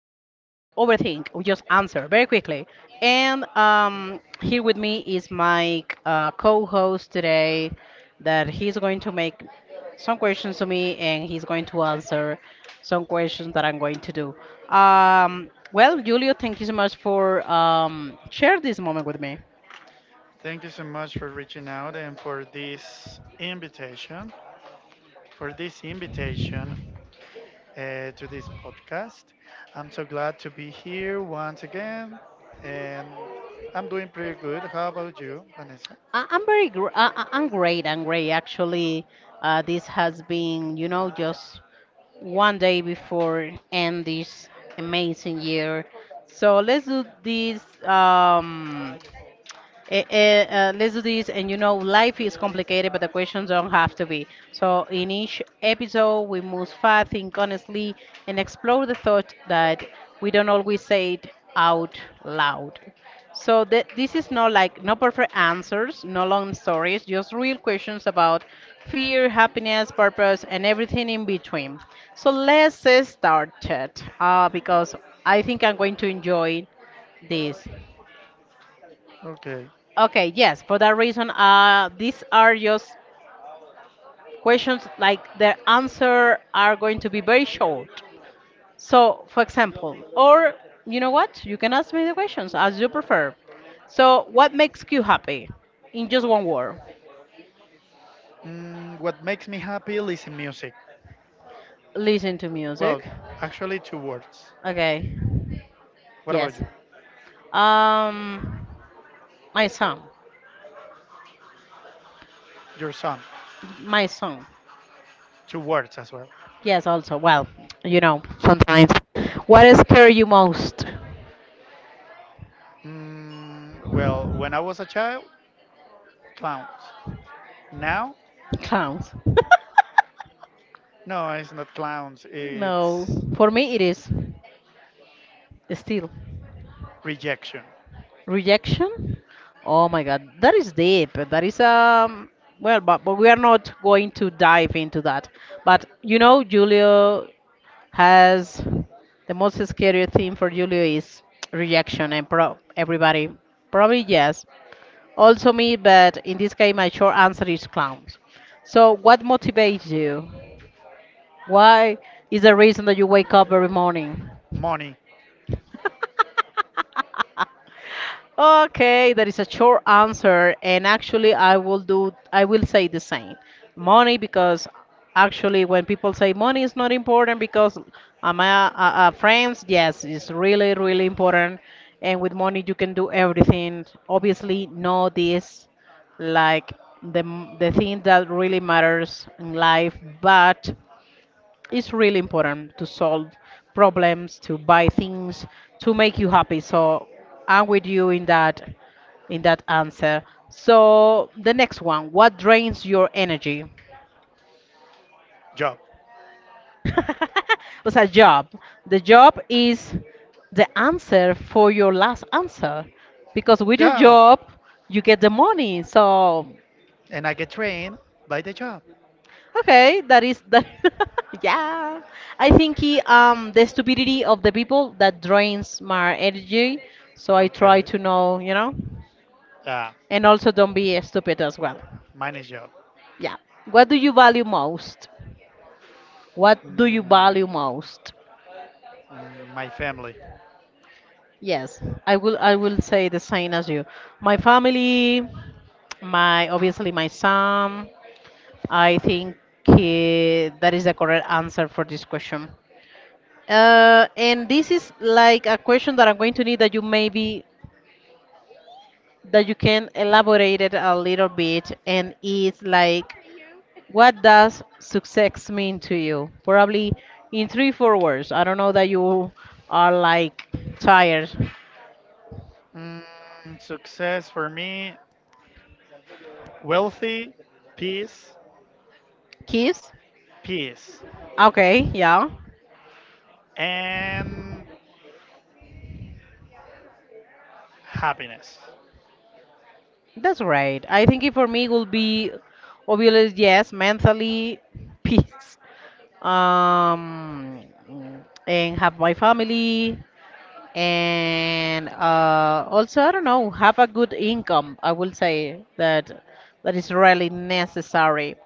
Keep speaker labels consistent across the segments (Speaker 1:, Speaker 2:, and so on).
Speaker 1: overthink, we just answer very quickly. And here with me is my co host today, that he's going to make some questions to me and he's going to answer some questions that I'm going to do. Well, Julio, thank you so much for sharing this moment with me.
Speaker 2: Thank you so much for reaching out and for this invitation to this podcast. I'm so glad to be here once again, and I'm doing pretty good. How about you, Vanessa?
Speaker 1: I- I'm very, gr- I- I'm great. I'm great. Actually, this has been, you know, just one day before end this amazing year. So let's do this. Um, eh, eh, let's do this. And you know, life is complicated, but the questions don't have to be. So, in each episode, we move fast, think honestly, and explore the thought that we don't always say it out loud. So, this is not like no perfect answers, no long stories, just real questions about fear, happiness, purpose, and everything in between. So, let's start it because I think I'm going to enjoy this.
Speaker 2: Okay.
Speaker 1: Okay, yes, for that reason, these are just questions like the answer are going to be very short. So, for example, or you know what? You can ask me the questions as you prefer. So, what makes you happy? In just one word.
Speaker 2: What makes me happy is music.
Speaker 1: Listen to
Speaker 2: Well,
Speaker 1: music.
Speaker 2: actually, two words.
Speaker 1: Okay.
Speaker 2: What about
Speaker 1: Yes.
Speaker 2: you?
Speaker 1: Um, my song.
Speaker 2: Your son.
Speaker 1: My song.
Speaker 2: Two words as well.
Speaker 1: Yes, also. Well, you know, sometimes. What scares you most?
Speaker 2: Well, when I was a child, clowns. Now,
Speaker 1: Clowns.
Speaker 2: no, it's not clowns.
Speaker 1: No,
Speaker 2: It's
Speaker 1: for me it is still
Speaker 2: rejection.
Speaker 1: rejection. Oh my God, that is deep. That is um, well, but we are not going to dive into that. But you know, Julio has the most scary thing for Julio is rejection, and pro everybody probably yes, also me. But in this case, my short answer is clowns. So, what motivates you? Why is the reason that you wake up every morning?
Speaker 2: Money.
Speaker 1: Okay, that is a short answer, and actually, I will do. I will say the same, money, because actually, when people say money is not important, because am I friends? Yes, it's really, really important, and with money you can do everything. Obviously, know this, like the thing that really matters in life, but it's really important to solve problems to buy things to make you happy, so I'm with you in that, in that answer. So the next one, what drains your energy?
Speaker 2: Job.
Speaker 1: Was a job. The job is the answer for your last answer, because with your
Speaker 2: Yeah.
Speaker 1: job you get the money. So
Speaker 2: And I get trained by the job.
Speaker 1: okay, that is that. Yeah. I think he, um, the stupidity of the people that drains my energy, so I try
Speaker 2: Okay.
Speaker 1: to know, you know,
Speaker 2: Yeah.
Speaker 1: and also don't be stupid as well.
Speaker 2: Mine is job.
Speaker 1: Yeah. What do you value most? What do you value
Speaker 2: Mm,
Speaker 1: most?
Speaker 2: my family.
Speaker 1: Yes, I will say the same as you. My family, my obviously my son. I think he, that is the correct answer for this question. And this is like a question that I'm going to need that you maybe that you can elaborate it a little bit. And it's like, what does success mean to you? Probably in three, four words. I don't know that you are like tired.
Speaker 2: Mm, Success for me, wealthy, peace,
Speaker 1: Kiss?
Speaker 2: peace,
Speaker 1: Okay, yeah,
Speaker 2: and happiness.
Speaker 1: that's right. I think it for me will be obviously yes, mentally peace. Um, and have my family and also I don't know have a good income. I will say that that is really necessary.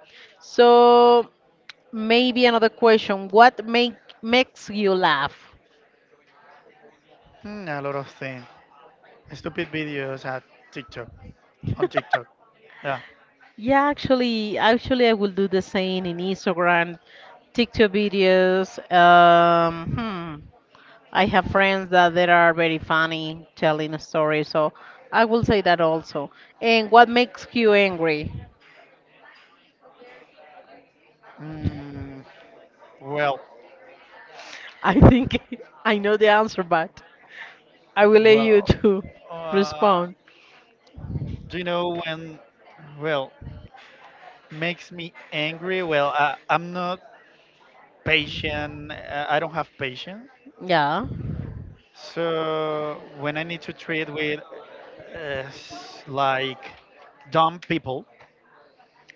Speaker 1: So maybe another question: What make makes you laugh?
Speaker 2: A lot of things. Stupid videos at TikTok, on TikTok. Yeah.
Speaker 1: Yeah, actually I will do the same in Instagram, TikTok videos. Hmm. I have friends that they are very funny telling a story, so I will say that also. And what makes you angry?
Speaker 2: Mm, Well,
Speaker 1: I think I know the answer, but I will let you
Speaker 2: well,
Speaker 1: to
Speaker 2: uh,
Speaker 1: respond.
Speaker 2: do you know when? Well, makes me angry. Well, I'm not patient. I don't have patience.
Speaker 1: Yeah.
Speaker 2: So when I need to treat with like dumb people,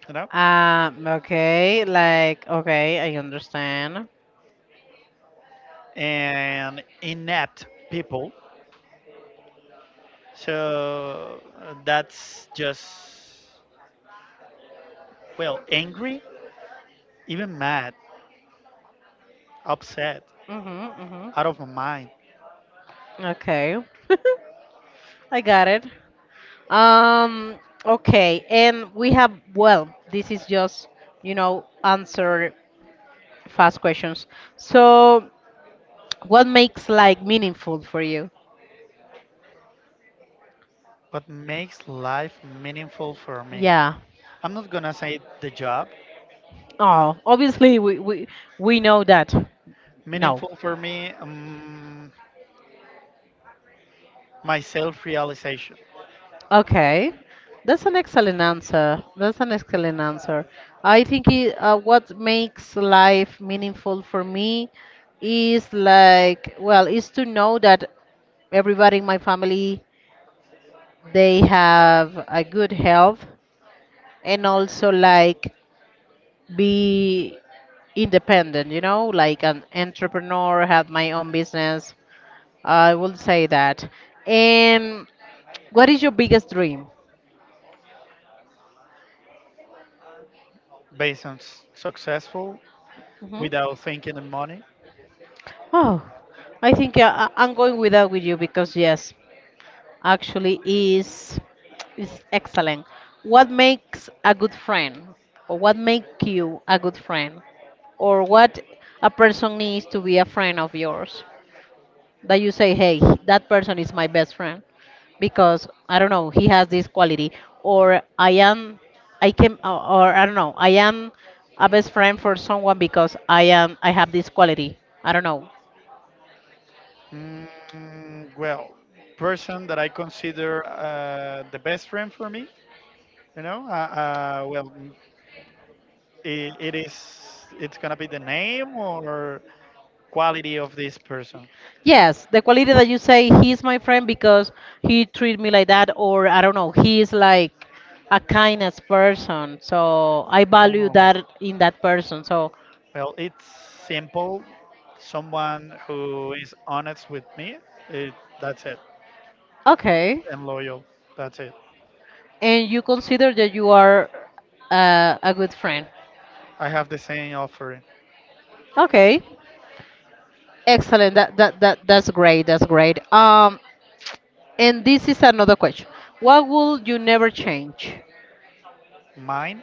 Speaker 2: you know,
Speaker 1: Okay, like, okay, I understand.
Speaker 2: and inept people, so that's just well angry, even mad, upset,
Speaker 1: Mm-hmm, mm-hmm.
Speaker 2: out of my mind.
Speaker 1: Okay. I got it. Um, okay, and we have, well, this is just, you know, answer fast questions. So, what makes like meaningful for you?
Speaker 2: What makes life meaningful for me?
Speaker 1: Yeah.
Speaker 2: I'm not gonna say the job.
Speaker 1: Oh, obviously we we know that. No.
Speaker 2: Meaningful for me, my self realization
Speaker 1: Okay, that's an excellent answer. That's an excellent answer. I think it, what makes life meaningful for me is like, well, is to know that everybody in my family they have a good health and also like be independent, you know, like an entrepreneur, have my own business. I will say that. And what is your biggest dream?
Speaker 2: based on successful
Speaker 1: Mm-hmm.
Speaker 2: without thinking in money.
Speaker 1: Oh, I think yeah, I'm going with that with you because yes, actually is excellent. What makes a good friend, or what make you a good friend, or what a person needs to be a friend of yours? That you say, hey, that person is my best friend because I don't know, he has this quality, or I am, I can, or I don't know, I am a best friend for someone because I am, I have this quality. I don't know.
Speaker 2: Well, person that I consider the best friend for me, you know, well, it is, it's gonna be the name or quality of this person.
Speaker 1: Yes, the quality that you say he's my friend because he treat me like that, or I don't know, he is like a kindness person. So I value that in that person. So
Speaker 2: Well, it's simple. Someone who is honest with me, it, that's it,
Speaker 1: okay,
Speaker 2: and loyal. That's it.
Speaker 1: and you consider that you are a good friend.
Speaker 2: I have the same offering.
Speaker 1: Okay, excellent. That's great. That's great. And this is another question. What will you never change?
Speaker 2: Mine,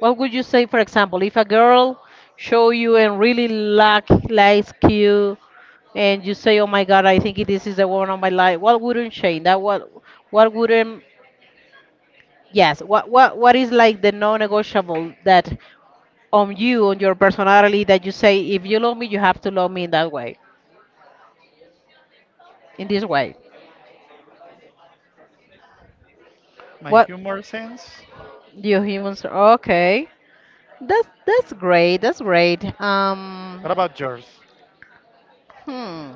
Speaker 1: What would you say, for example, if a girl show you and really like likes you, and you say, "Oh my God, I think this is the woman of my life," what wouldn't change? That what wouldn't yes, what what is like the non-negotiable that on you on your personality that you say, if you love me, you have to love me in that way, in this way.
Speaker 2: my
Speaker 1: What
Speaker 2: humor sense.
Speaker 1: you humans? Okay, that's great. That's great.
Speaker 2: What about yours?
Speaker 1: Hmm.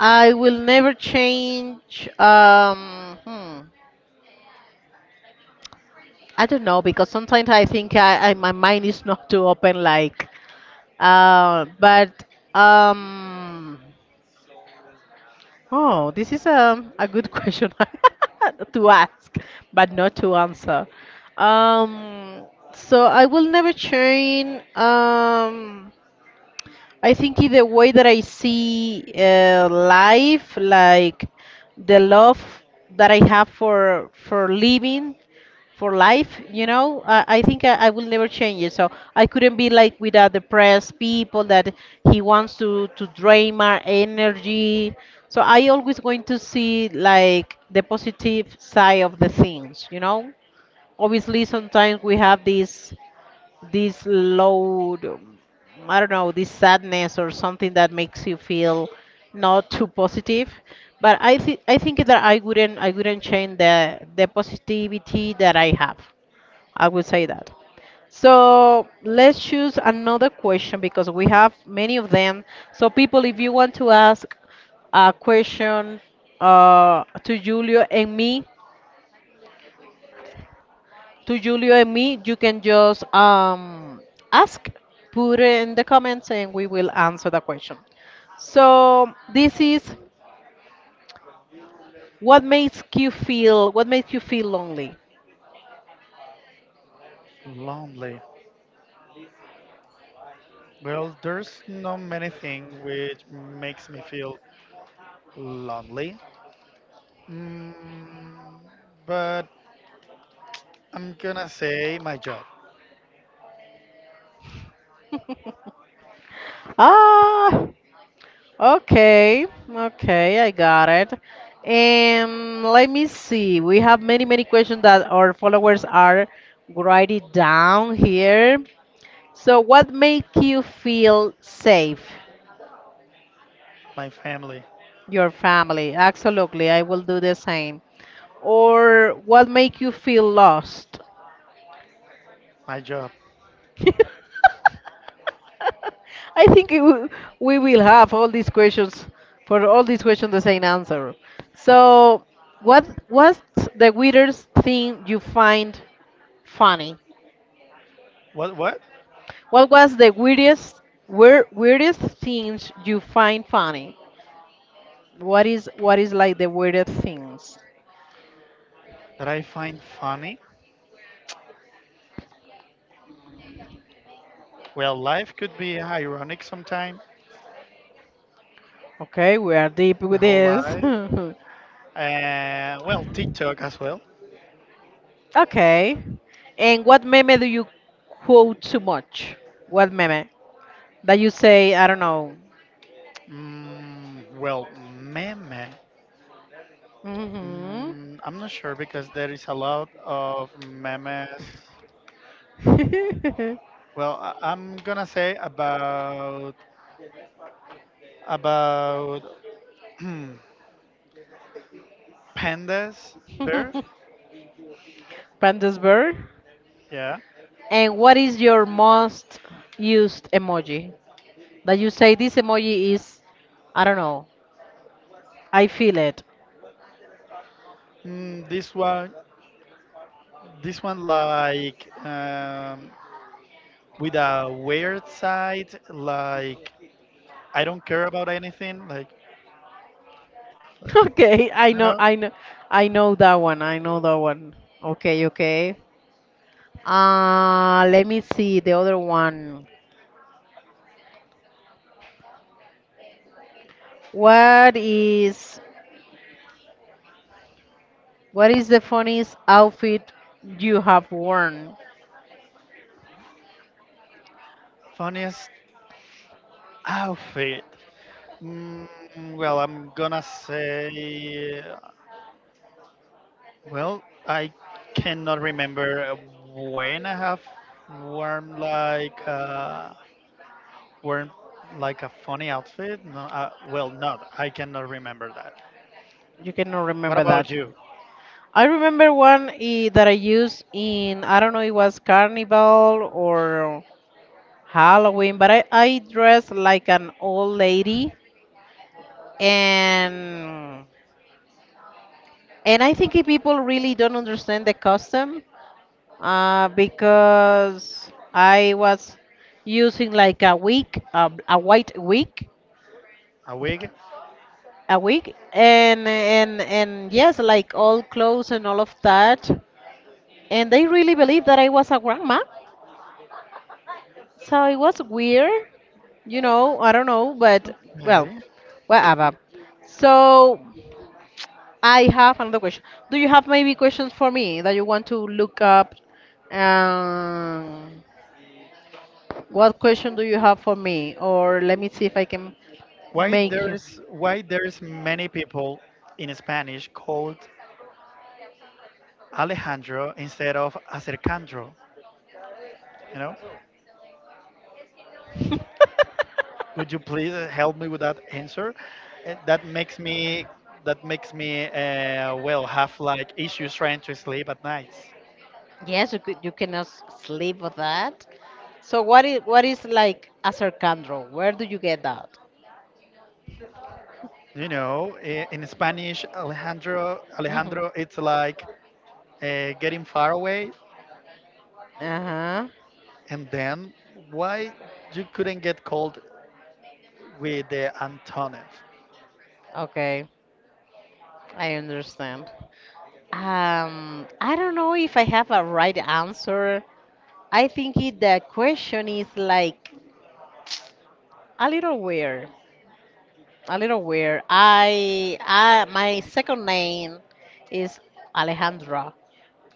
Speaker 1: I will never change. Hmm, I don't know because sometimes I think I my mind is not too open. Like, but um, oh, this is a good question to ask, but not to answer. Um, so I will never change. I think in the way that I see life, like the love that I have for living, for life, you know, I think I will never change it. So I couldn't be like with the depressed people that he wants to drain my energy. So I always going to see like the positive side of the things, you know. Obviously, sometimes we have these this load, I don't know, this sadness or something that makes you feel not too positive. But I think that I wouldn't change the positivity that I have. I would say that. So let's choose another question because we have many of them. So people, if you want to ask a question to Julio and me, you can just ask, put it in the comments, and we will answer the question. So this is what makes you feel lonely.
Speaker 2: Lonely. Well, there's no many thing which makes me feel lonely. Mm, but I'm gonna say my job,
Speaker 1: Ah, okay, okay, I got it. And let me see. We have many questions that our followers are writing down here. So what makes you feel safe?
Speaker 2: my family,
Speaker 1: Your family. Absolutely. I will do the same. Or what make you feel lost?
Speaker 2: my job.
Speaker 1: I think it will, we will have all these questions for all these questions the same answer. So, what was the weirdest thing you find funny?
Speaker 2: What? What?
Speaker 1: What was the weirdest weir- weirdest things you find funny? What is like the weirdest things?
Speaker 2: That I find funny. Well, life could be ironic sometimes
Speaker 1: Okay, we are deep
Speaker 2: the
Speaker 1: with
Speaker 2: whole
Speaker 1: this.
Speaker 2: life. And well, TikTok as well.
Speaker 1: Okay. And what meme do you quote too much? What meme? That you say, I don't know.
Speaker 2: Well, meme.
Speaker 1: Mm-hmm.
Speaker 2: I'm not sure because there is a lot of memes. Well, I'm gonna say about pandas bear.
Speaker 1: Pandasberg.
Speaker 2: Yeah.
Speaker 1: And what is your most used emoji? That you say this emoji is, I don't know, I feel it.
Speaker 2: This one, this one like with a weird side. Like I don't care about anything. Like
Speaker 1: Okay,
Speaker 2: you know,
Speaker 1: I know that one. I know that one. Okay, okay. Let me see the other one. What is what is the funniest outfit you have worn?
Speaker 2: funniest outfit. Mm, well, I'm gonna say, well, I cannot remember when I have worn like uh, worn like a funny outfit. No, well, not. I cannot remember that.
Speaker 1: You cannot
Speaker 2: What
Speaker 1: remember
Speaker 2: about
Speaker 1: that.
Speaker 2: you?
Speaker 1: I remember one eh, that I used in I don't know it was carnival or Halloween, but I dressed like an old lady and and I think people really don't understand the custom because I was using like a wig, a white wig,
Speaker 2: A
Speaker 1: wig,
Speaker 2: wig?
Speaker 1: a week and and yes like all clothes and all of that and they really believed that I was a grandma, so it was weird, you know, I don't know but well
Speaker 2: Okay.
Speaker 1: whatever. So I have another question. Do you have maybe questions for me that you want to look up? um, what question do you have for me, or let me see if I can make you
Speaker 2: Why there's many people in Spanish called Alejandro instead of Acercandro? You know? Could you please help me with that answer? Uh, That makes me that makes me well have like issues trying to sleep at night.
Speaker 1: Yes, you could, you cannot sleep with that. So what is like a circandro? Where do you get that?
Speaker 2: You know, in Spanish, Alejandro
Speaker 1: Hmm.
Speaker 2: Alejandro, it's like getting far away,
Speaker 1: Uh-huh.
Speaker 2: and then why you couldn't get cold with the antonym?
Speaker 1: Okay, I understand. I don't know if I have a right answer. I think the question is like a little weird, a little weird. I, my second name is Alejandra,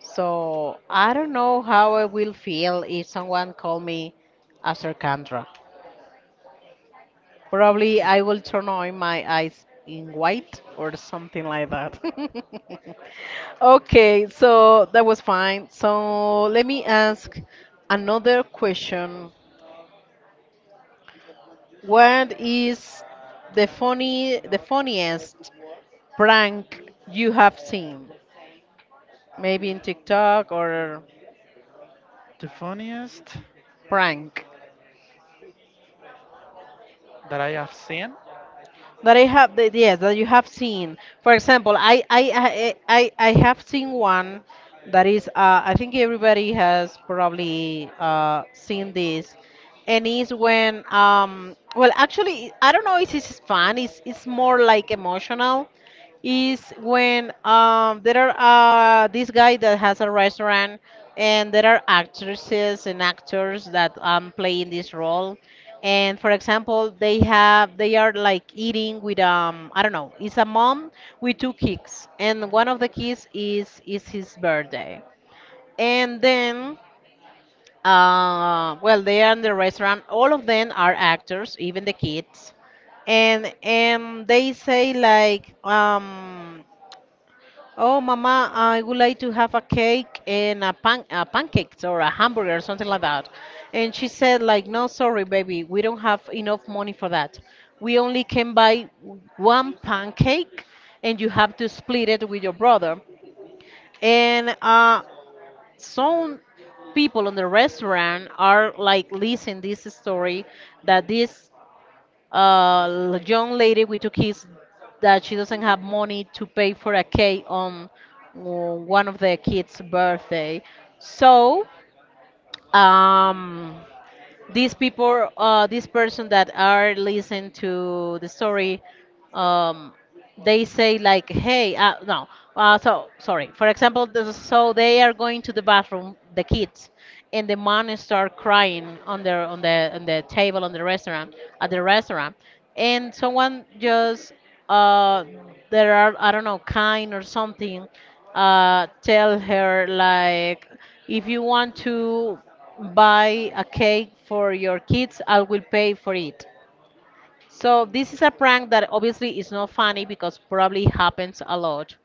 Speaker 1: so I don't know how I will feel if someone call me Acercandra. Probably
Speaker 2: Okay.
Speaker 1: I will turn on my eyes in white or something like that. Okay, so that was fine. So let me ask another question. What is the funniest prank you have seen? Maybe in TikTok or
Speaker 2: The funniest
Speaker 1: prank.
Speaker 2: that I have seen.
Speaker 1: That I have that yes that you have seen. For example, I have seen one that is I think everybody has probably seen this, and is when well actually I don't know if it's fun. It's more like emotional is when there are this guy that has a restaurant, and there are actresses and actors that play in this role, and for example they are like eating with I don't know, it's a mom with two kids, and one of the kids is his birthday. And then well they are in the restaurant, all of them are actors, even the kids. And they say like um, "Oh, Mama, I would like to have a cake and a pancakes or a hamburger or something like that." And she said, like, "No, sorry, baby, we don't have enough money for that. We only can buy one pancake, and you have to split it with your brother." And some people in the restaurant are like listening this story, that this a young lady with two kids, that she doesn't have money to pay for a cake on one of the kids' birthday. So um, these people, this person that are listening to the story, um, they say like, "Hey, no so sorry, for example this," so they are going to the bathroom, the kids, and the mom start crying on their on the table on the restaurant, at the restaurant. And someone just uh there are I don't know, kind or something, tell her like, "If you want to buy a cake for your kids, I will pay for it." So this is a prank that obviously is not funny because probably happens a lot,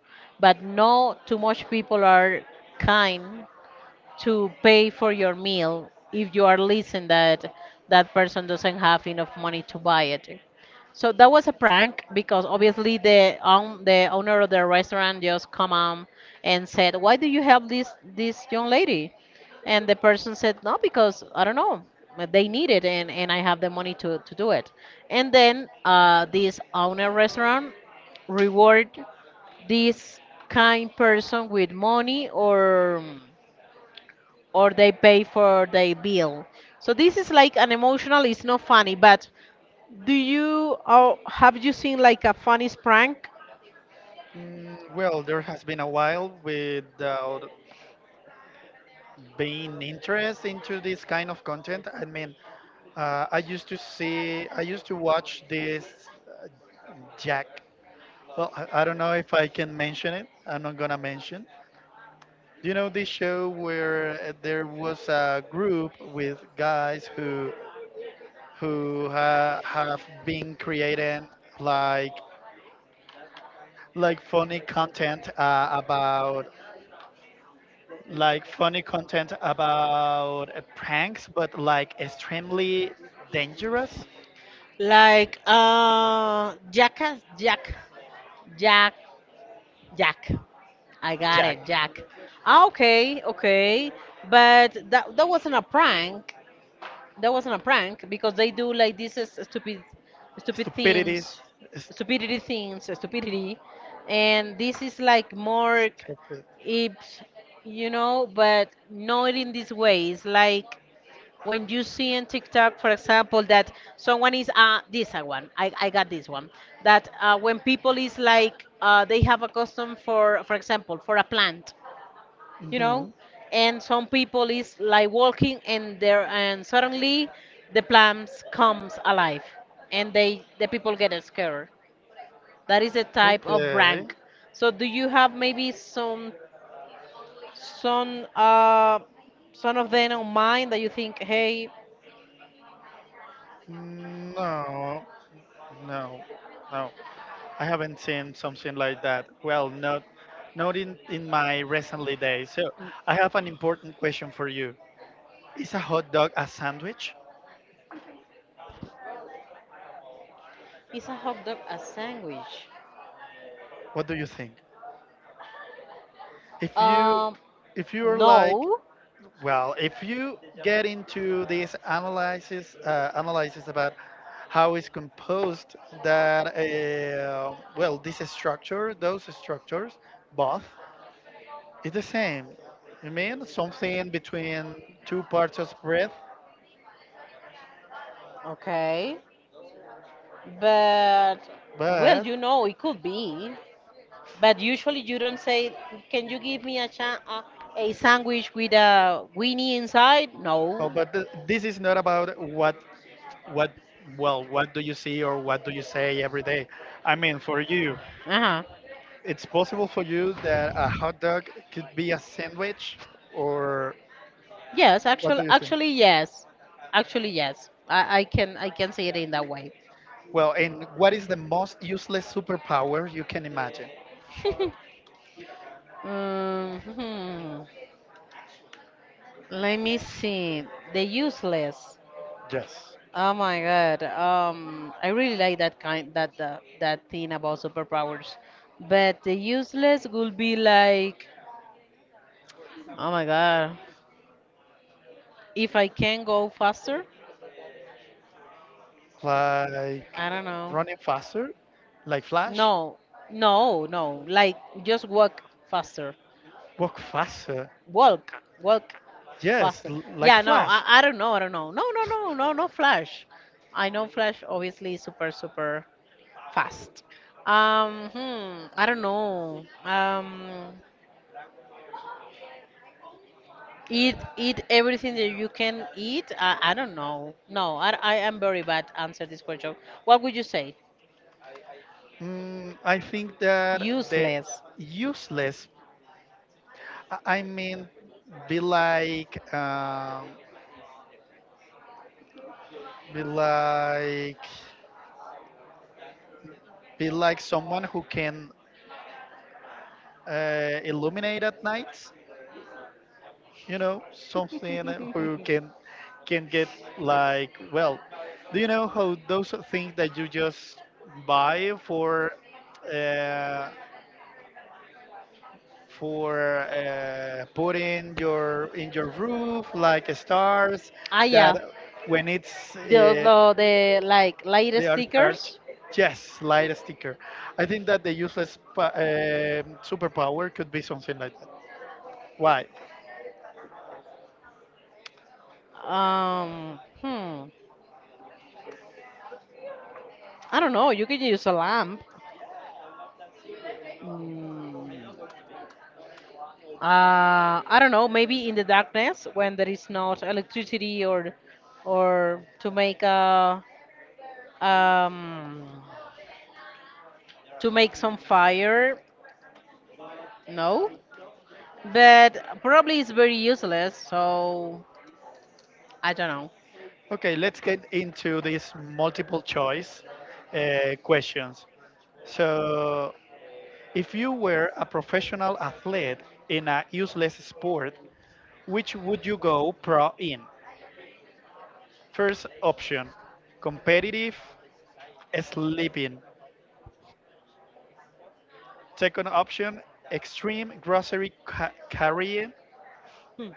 Speaker 1: but no too much people are kind to pay for your meal if you are listening that that person doesn't have enough money to buy it. So that was a prank because obviously the owner of the restaurant just come on and said, "Why do you help this young lady?" And the person said, "No, because I don't know, but they need it, and I have the money to do it." And then this owner restaurant reward this kind person with money, or they pay for their bill. So this is like an emotional. It's not funny, but do you or have you seen like a funny prank?
Speaker 2: Well, there has been a while without being interest into this kind of content. I mean, I used to watch this Jack. Well, I don't know if I can mention it. I'm not gonna mention. Do you know this show where there was a group with guys who ha have been creating like like funny content uh, about funny content about pranks, but like extremely dangerous.
Speaker 1: Like Jackass Jack Jack Jack. I got
Speaker 2: Jack,
Speaker 1: it, Jack. Ah, okay, okay. But that wasn't a prank. That wasn't a prank because they do like these stupid
Speaker 2: stupidities,
Speaker 1: things, stupidity, and this is like more,
Speaker 2: stupid.
Speaker 1: it's, you know, but not in this way. It's like when you see in TikTok, for example, that someone is this a one. I got this one. That when people is like they have a custom for example, for a plant, you
Speaker 2: Hmm.
Speaker 1: know, and some people is like walking and there and suddenly the plants comes alive, and the people get scared. That is a type of
Speaker 2: Okay.
Speaker 1: prank. So do you have maybe some uh some of them on mind that you think, hey?
Speaker 2: No, no, no. I haven't seen something like that. Well, not not in, in my recently days. So I have an important question for you. Is a hot dog a sandwich?
Speaker 1: Is a hot dog a sandwich?
Speaker 2: What do you think? If you
Speaker 1: um
Speaker 2: if you're like
Speaker 1: no.
Speaker 2: Well, if you get into this analysis, analysis about how it's composed, that well, this structure, those structures, both, is the same. I mean, something between two parts of breath,
Speaker 1: Okay, but well,
Speaker 2: but
Speaker 1: you know, it could be. But usually you don't say, "Can you give me a a sandwich with a weenie inside?" No.
Speaker 2: this is not about what well, what do you see or what do you say every day? I mean, for you,
Speaker 1: Uh-huh.
Speaker 2: it's possible for you that a hot dog could be a sandwich or
Speaker 1: Yes,
Speaker 2: What do
Speaker 1: actually,
Speaker 2: you think?
Speaker 1: actually yes, actually yes. I can, I can say it in that way.
Speaker 2: Well, and what is the most useless superpower you can imagine?
Speaker 1: Um, hmm. Let me see. The useless.
Speaker 2: Yes.
Speaker 1: Oh my god. I really like that kind that that thing about superpowers. But the useless would be like, oh my god, if I can go faster,
Speaker 2: Like
Speaker 1: I don't know.
Speaker 2: running faster, like Flash?
Speaker 1: No, no, no. Like just walk faster.
Speaker 2: Walk faster.
Speaker 1: Walk, walk
Speaker 2: Yes,
Speaker 1: faster.
Speaker 2: like
Speaker 1: Yeah, no,
Speaker 2: Flash.
Speaker 1: I don't know. I don't know. No, no, no, no, no. Flash. I know Flash obviously is super super fast. Hmm, I don't know. Eat eat everything that you can eat. I don't know. No, I am very bad answer this question. What would you say?
Speaker 2: I think that the
Speaker 1: Useless.
Speaker 2: useless, I mean, be like, um, be like, be like someone who can illuminate at night, you know something who can get like well do you know how those things that you just buy for uh, putting your in your roof like stars
Speaker 1: Ah
Speaker 2: that
Speaker 1: yeah,
Speaker 2: when it's
Speaker 1: the like light
Speaker 2: they are charged,
Speaker 1: stickers.
Speaker 2: yes light sticker. I think that the useless superpower could be something like that. Why?
Speaker 1: Hmm. I don't know. You can use a lamp. Mm, I don't know. Maybe in the darkness when there is not electricity, or to make a um to make some fire. No, but probably it's very useless, so I don't know.
Speaker 2: Okay, let's get into these multiple choice questions. So, if you were a professional athlete in a useless sport, which would you go pro in? First option, competitive sleeping. Second option, extreme carrying.
Speaker 1: Hmm.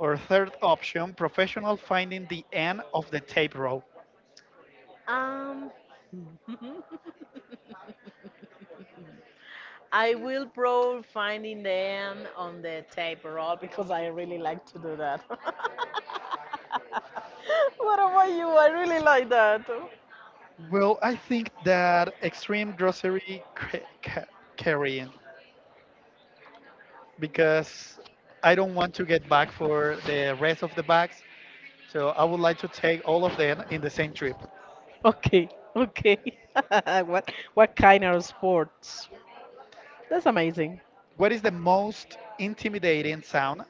Speaker 2: Or third option, professional finding the end of the tape rope.
Speaker 1: Um, I will probably finding them on the tape roll because I really like to do that. What about you? I really like that.
Speaker 2: Well, I think that extreme carrying because I don't want to get back for the rest of the bags. So I would like to take all of them in the same trip.
Speaker 1: Okay, okay. What kind of sports? That's amazing.
Speaker 2: What is the most intimidating sound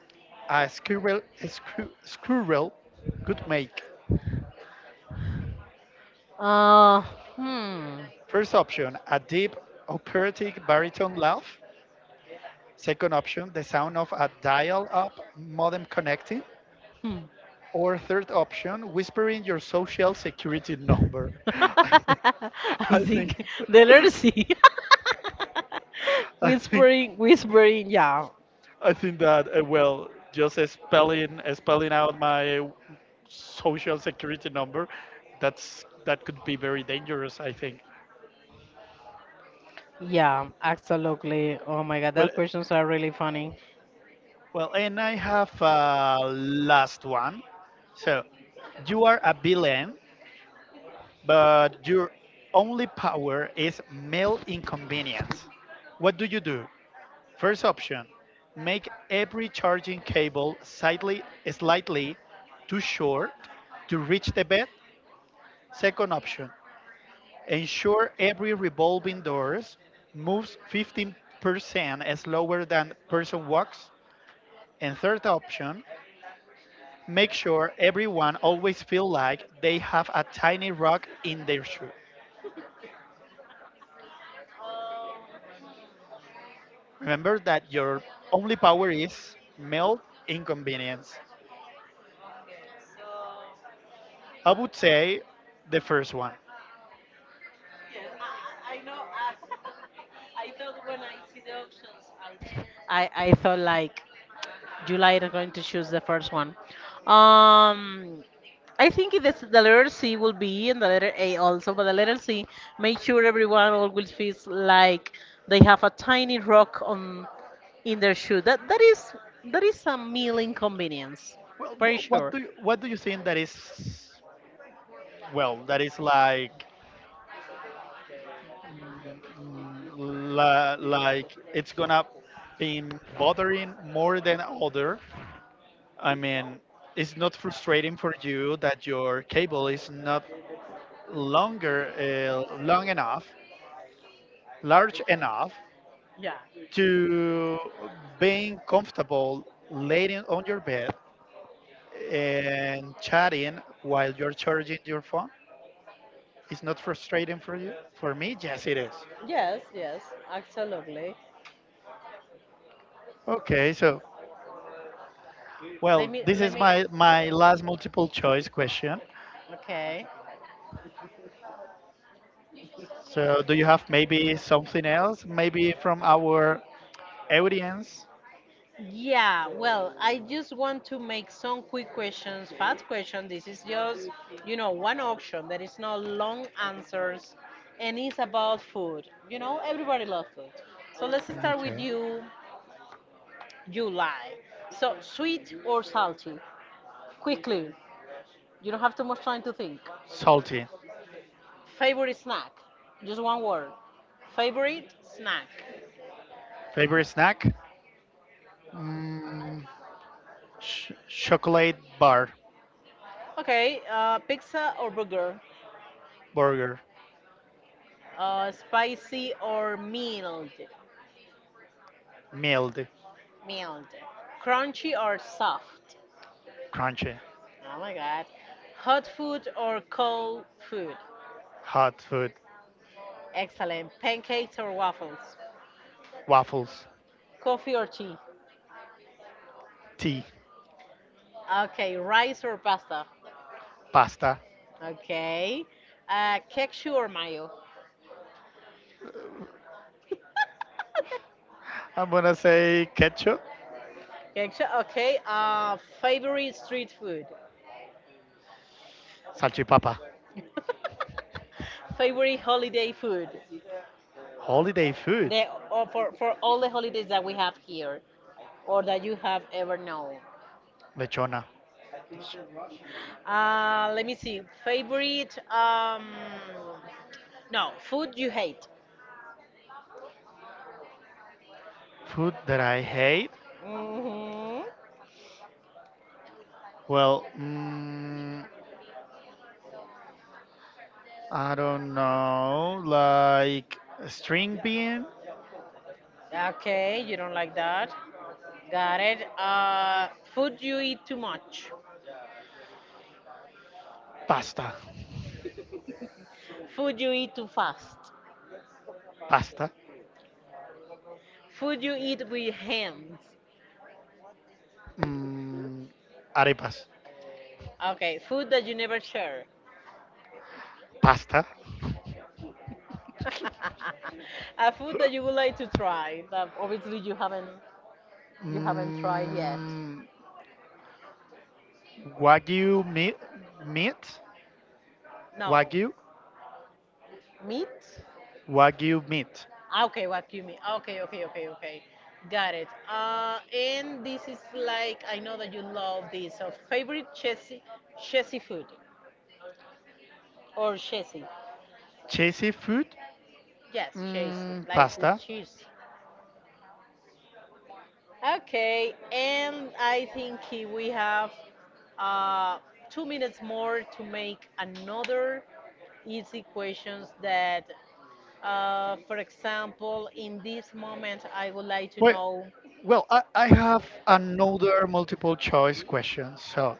Speaker 2: a squirrel could make?
Speaker 1: Uh, Hmm.
Speaker 2: First option, a deep operatic baritone laugh. Second option, the sound of a dial up modem connecting.
Speaker 1: Hmm.
Speaker 2: Or third option, whispering your social security number.
Speaker 1: I
Speaker 2: I think
Speaker 1: think the literacy.
Speaker 2: I think
Speaker 1: Whispering, whispering, yeah.
Speaker 2: I think that well, just spelling out my social security number, that's that could be very dangerous. I think.
Speaker 1: Yeah, absolutely. Oh my god,
Speaker 2: Well,
Speaker 1: that questions are really funny.
Speaker 2: well, and I have a last one. So, you are a villain, but your only power is male inconvenience. What do you do? First option: make every charging cable slightly too short to reach the bed. Second option: Ensure every revolving doors moves 15% slower than person walks. And third option, make sure everyone always feel like they have a tiny rock in their shoe. Remember that your only power is melt inconvenience. I would say the first one.
Speaker 1: Yes, I know. As I thought when I see the options, I thought like July is going to choose the first one. Um, I think it is the letter C will be, and the letter A also, but the letter C, make sure everyone always feels like they have a tiny rock on in their shoe. That is that is a meal inconvenience,
Speaker 2: Well,
Speaker 1: pretty sure.
Speaker 2: what do you think that is? Well, that is like like it's gonna be bothering more than other. I mean, it's not frustrating for you that your cable is not longer long enough, large enough
Speaker 1: Yeah.
Speaker 2: to being comfortable laying on your bed and chatting while you're charging your phone. It's not frustrating for you. For me, yes, it is.
Speaker 1: Yes, yes, absolutely.
Speaker 2: Okay, so
Speaker 1: Let
Speaker 2: well,
Speaker 1: me,
Speaker 2: this
Speaker 1: let
Speaker 2: is
Speaker 1: me.
Speaker 2: my last multiple choice question.
Speaker 1: Okay.
Speaker 2: So, do you have maybe something else, maybe from our audience?
Speaker 1: Yeah, well, I just want to make some quick questions, fast questions. This is just, you know, one auction that is not long answers, and it's about food. You know, everybody loves food. So let's start with
Speaker 2: Okay.
Speaker 1: you, July. So sweet or salty? Quickly. You don't have too much time to think.
Speaker 2: Salty.
Speaker 1: Favorite snack? Just one word. Favorite snack?
Speaker 2: Favorite snack? Mm, Chocolate bar,
Speaker 1: Okay, pizza or burger?
Speaker 2: burger,
Speaker 1: Spicy or mild?
Speaker 2: mild,
Speaker 1: Mild. Crunchy or soft?
Speaker 2: crunchy,
Speaker 1: Oh my god. Hot food or cold food?
Speaker 2: hot food,
Speaker 1: Excellent. Pancakes or waffles?
Speaker 2: waffles,
Speaker 1: Coffee or tea?
Speaker 2: tea,
Speaker 1: Okay, rice or pasta?
Speaker 2: pasta.
Speaker 1: Okay. Ketchup or mayo?
Speaker 2: I'm gonna say ketchup,
Speaker 1: Ketchup, okay. Favorite street food?
Speaker 2: salchipapa.
Speaker 1: Favorite holiday food?
Speaker 2: Holiday food.
Speaker 1: The or for all the holidays that we have here, or that you have ever known.
Speaker 2: Lechona.
Speaker 1: Let me see. Favorite? No, food you hate.
Speaker 2: Food that I hate?
Speaker 1: Hmm.
Speaker 2: Well, I don't know. Like string bean,
Speaker 1: Okay, you don't like that. Got it. Food you eat too much.
Speaker 2: pasta,
Speaker 1: Food you eat too fast.
Speaker 2: pasta,
Speaker 1: Food you eat with hands.
Speaker 2: mm, arepas,
Speaker 1: Okay, food that you never share.
Speaker 2: pasta,
Speaker 1: A food that you would like to try that obviously you haven't, you haven't tried yet.
Speaker 2: mm, wagyu meat, meat,
Speaker 1: No,
Speaker 2: wagyu,
Speaker 1: meat.
Speaker 2: wagyu meat,
Speaker 1: Ah, okay, what you mean? Ah, okay, okay, okay, okay. Got it. And this is like I know that you love this. So favorite chessy food or chessy?
Speaker 2: cheesy food,
Speaker 1: Yes, chessy, like with
Speaker 2: pasta.
Speaker 1: cheese. Okay, and I think we have uh, 2 minutes more to make another easy questions that, for example, in this moment, I would like to
Speaker 2: Well,
Speaker 1: know.
Speaker 2: well, I have another multiple choice question. So,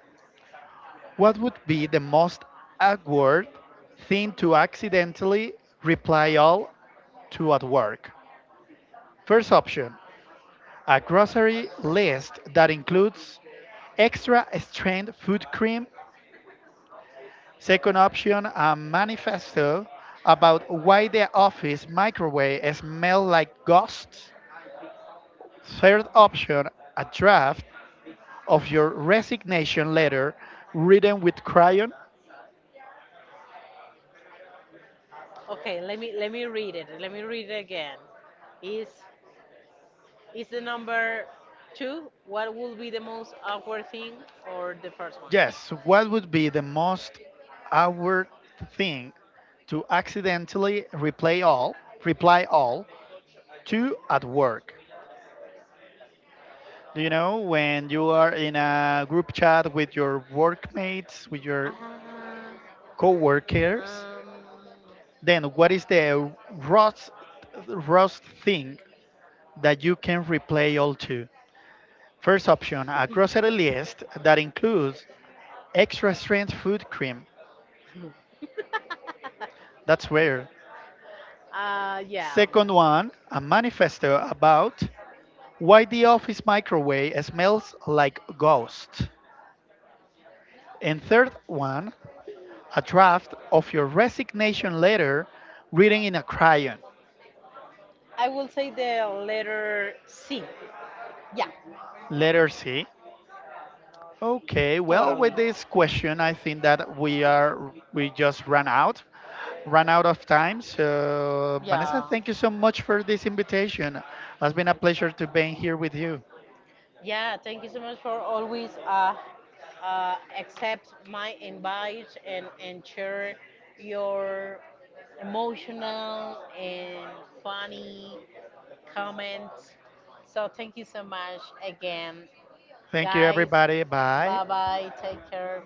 Speaker 2: what would be the most awkward thing to accidentally reply all to at work? First option, a grocery list that includes extra strength food cream. Second option, a manifesto about why the office microwave smells like ghosts. Third option, a draft of your resignation letter written with crayon.
Speaker 1: Okay, let me read it. Let me read it again. Is is the number two? What will be the most awkward thing, or the first one?
Speaker 2: Yes, what would be the most awkward thing to accidentally reply all to at work? Do you know when you are in a group chat with your workmates, with your
Speaker 1: Ah,
Speaker 2: coworkers?
Speaker 1: um,
Speaker 2: Then what is the worst, worst thing that you can replay all two. First option, a grocery list that includes extra strength food cream. That's rare.
Speaker 1: uh, yeah.
Speaker 2: Second one, a manifesto about why the office microwave smells like ghosts. And third one, a draft of your resignation letter written in a crayon.
Speaker 1: I will say the letter C. Yeah,
Speaker 2: Letter C. Okay, well,
Speaker 1: totally.
Speaker 2: with this question, I think that we just ran out of time. So, Vanessa,
Speaker 1: Yeah.
Speaker 2: thank you so much for this invitation. It's been a pleasure to be here with you.
Speaker 1: Yeah, thank you so much for always accept my invite, and share your emotional and funny comment. So thank you so much again,
Speaker 2: Thank you,
Speaker 1: guys.
Speaker 2: everybody. Bye.
Speaker 1: Bye bye. Take care.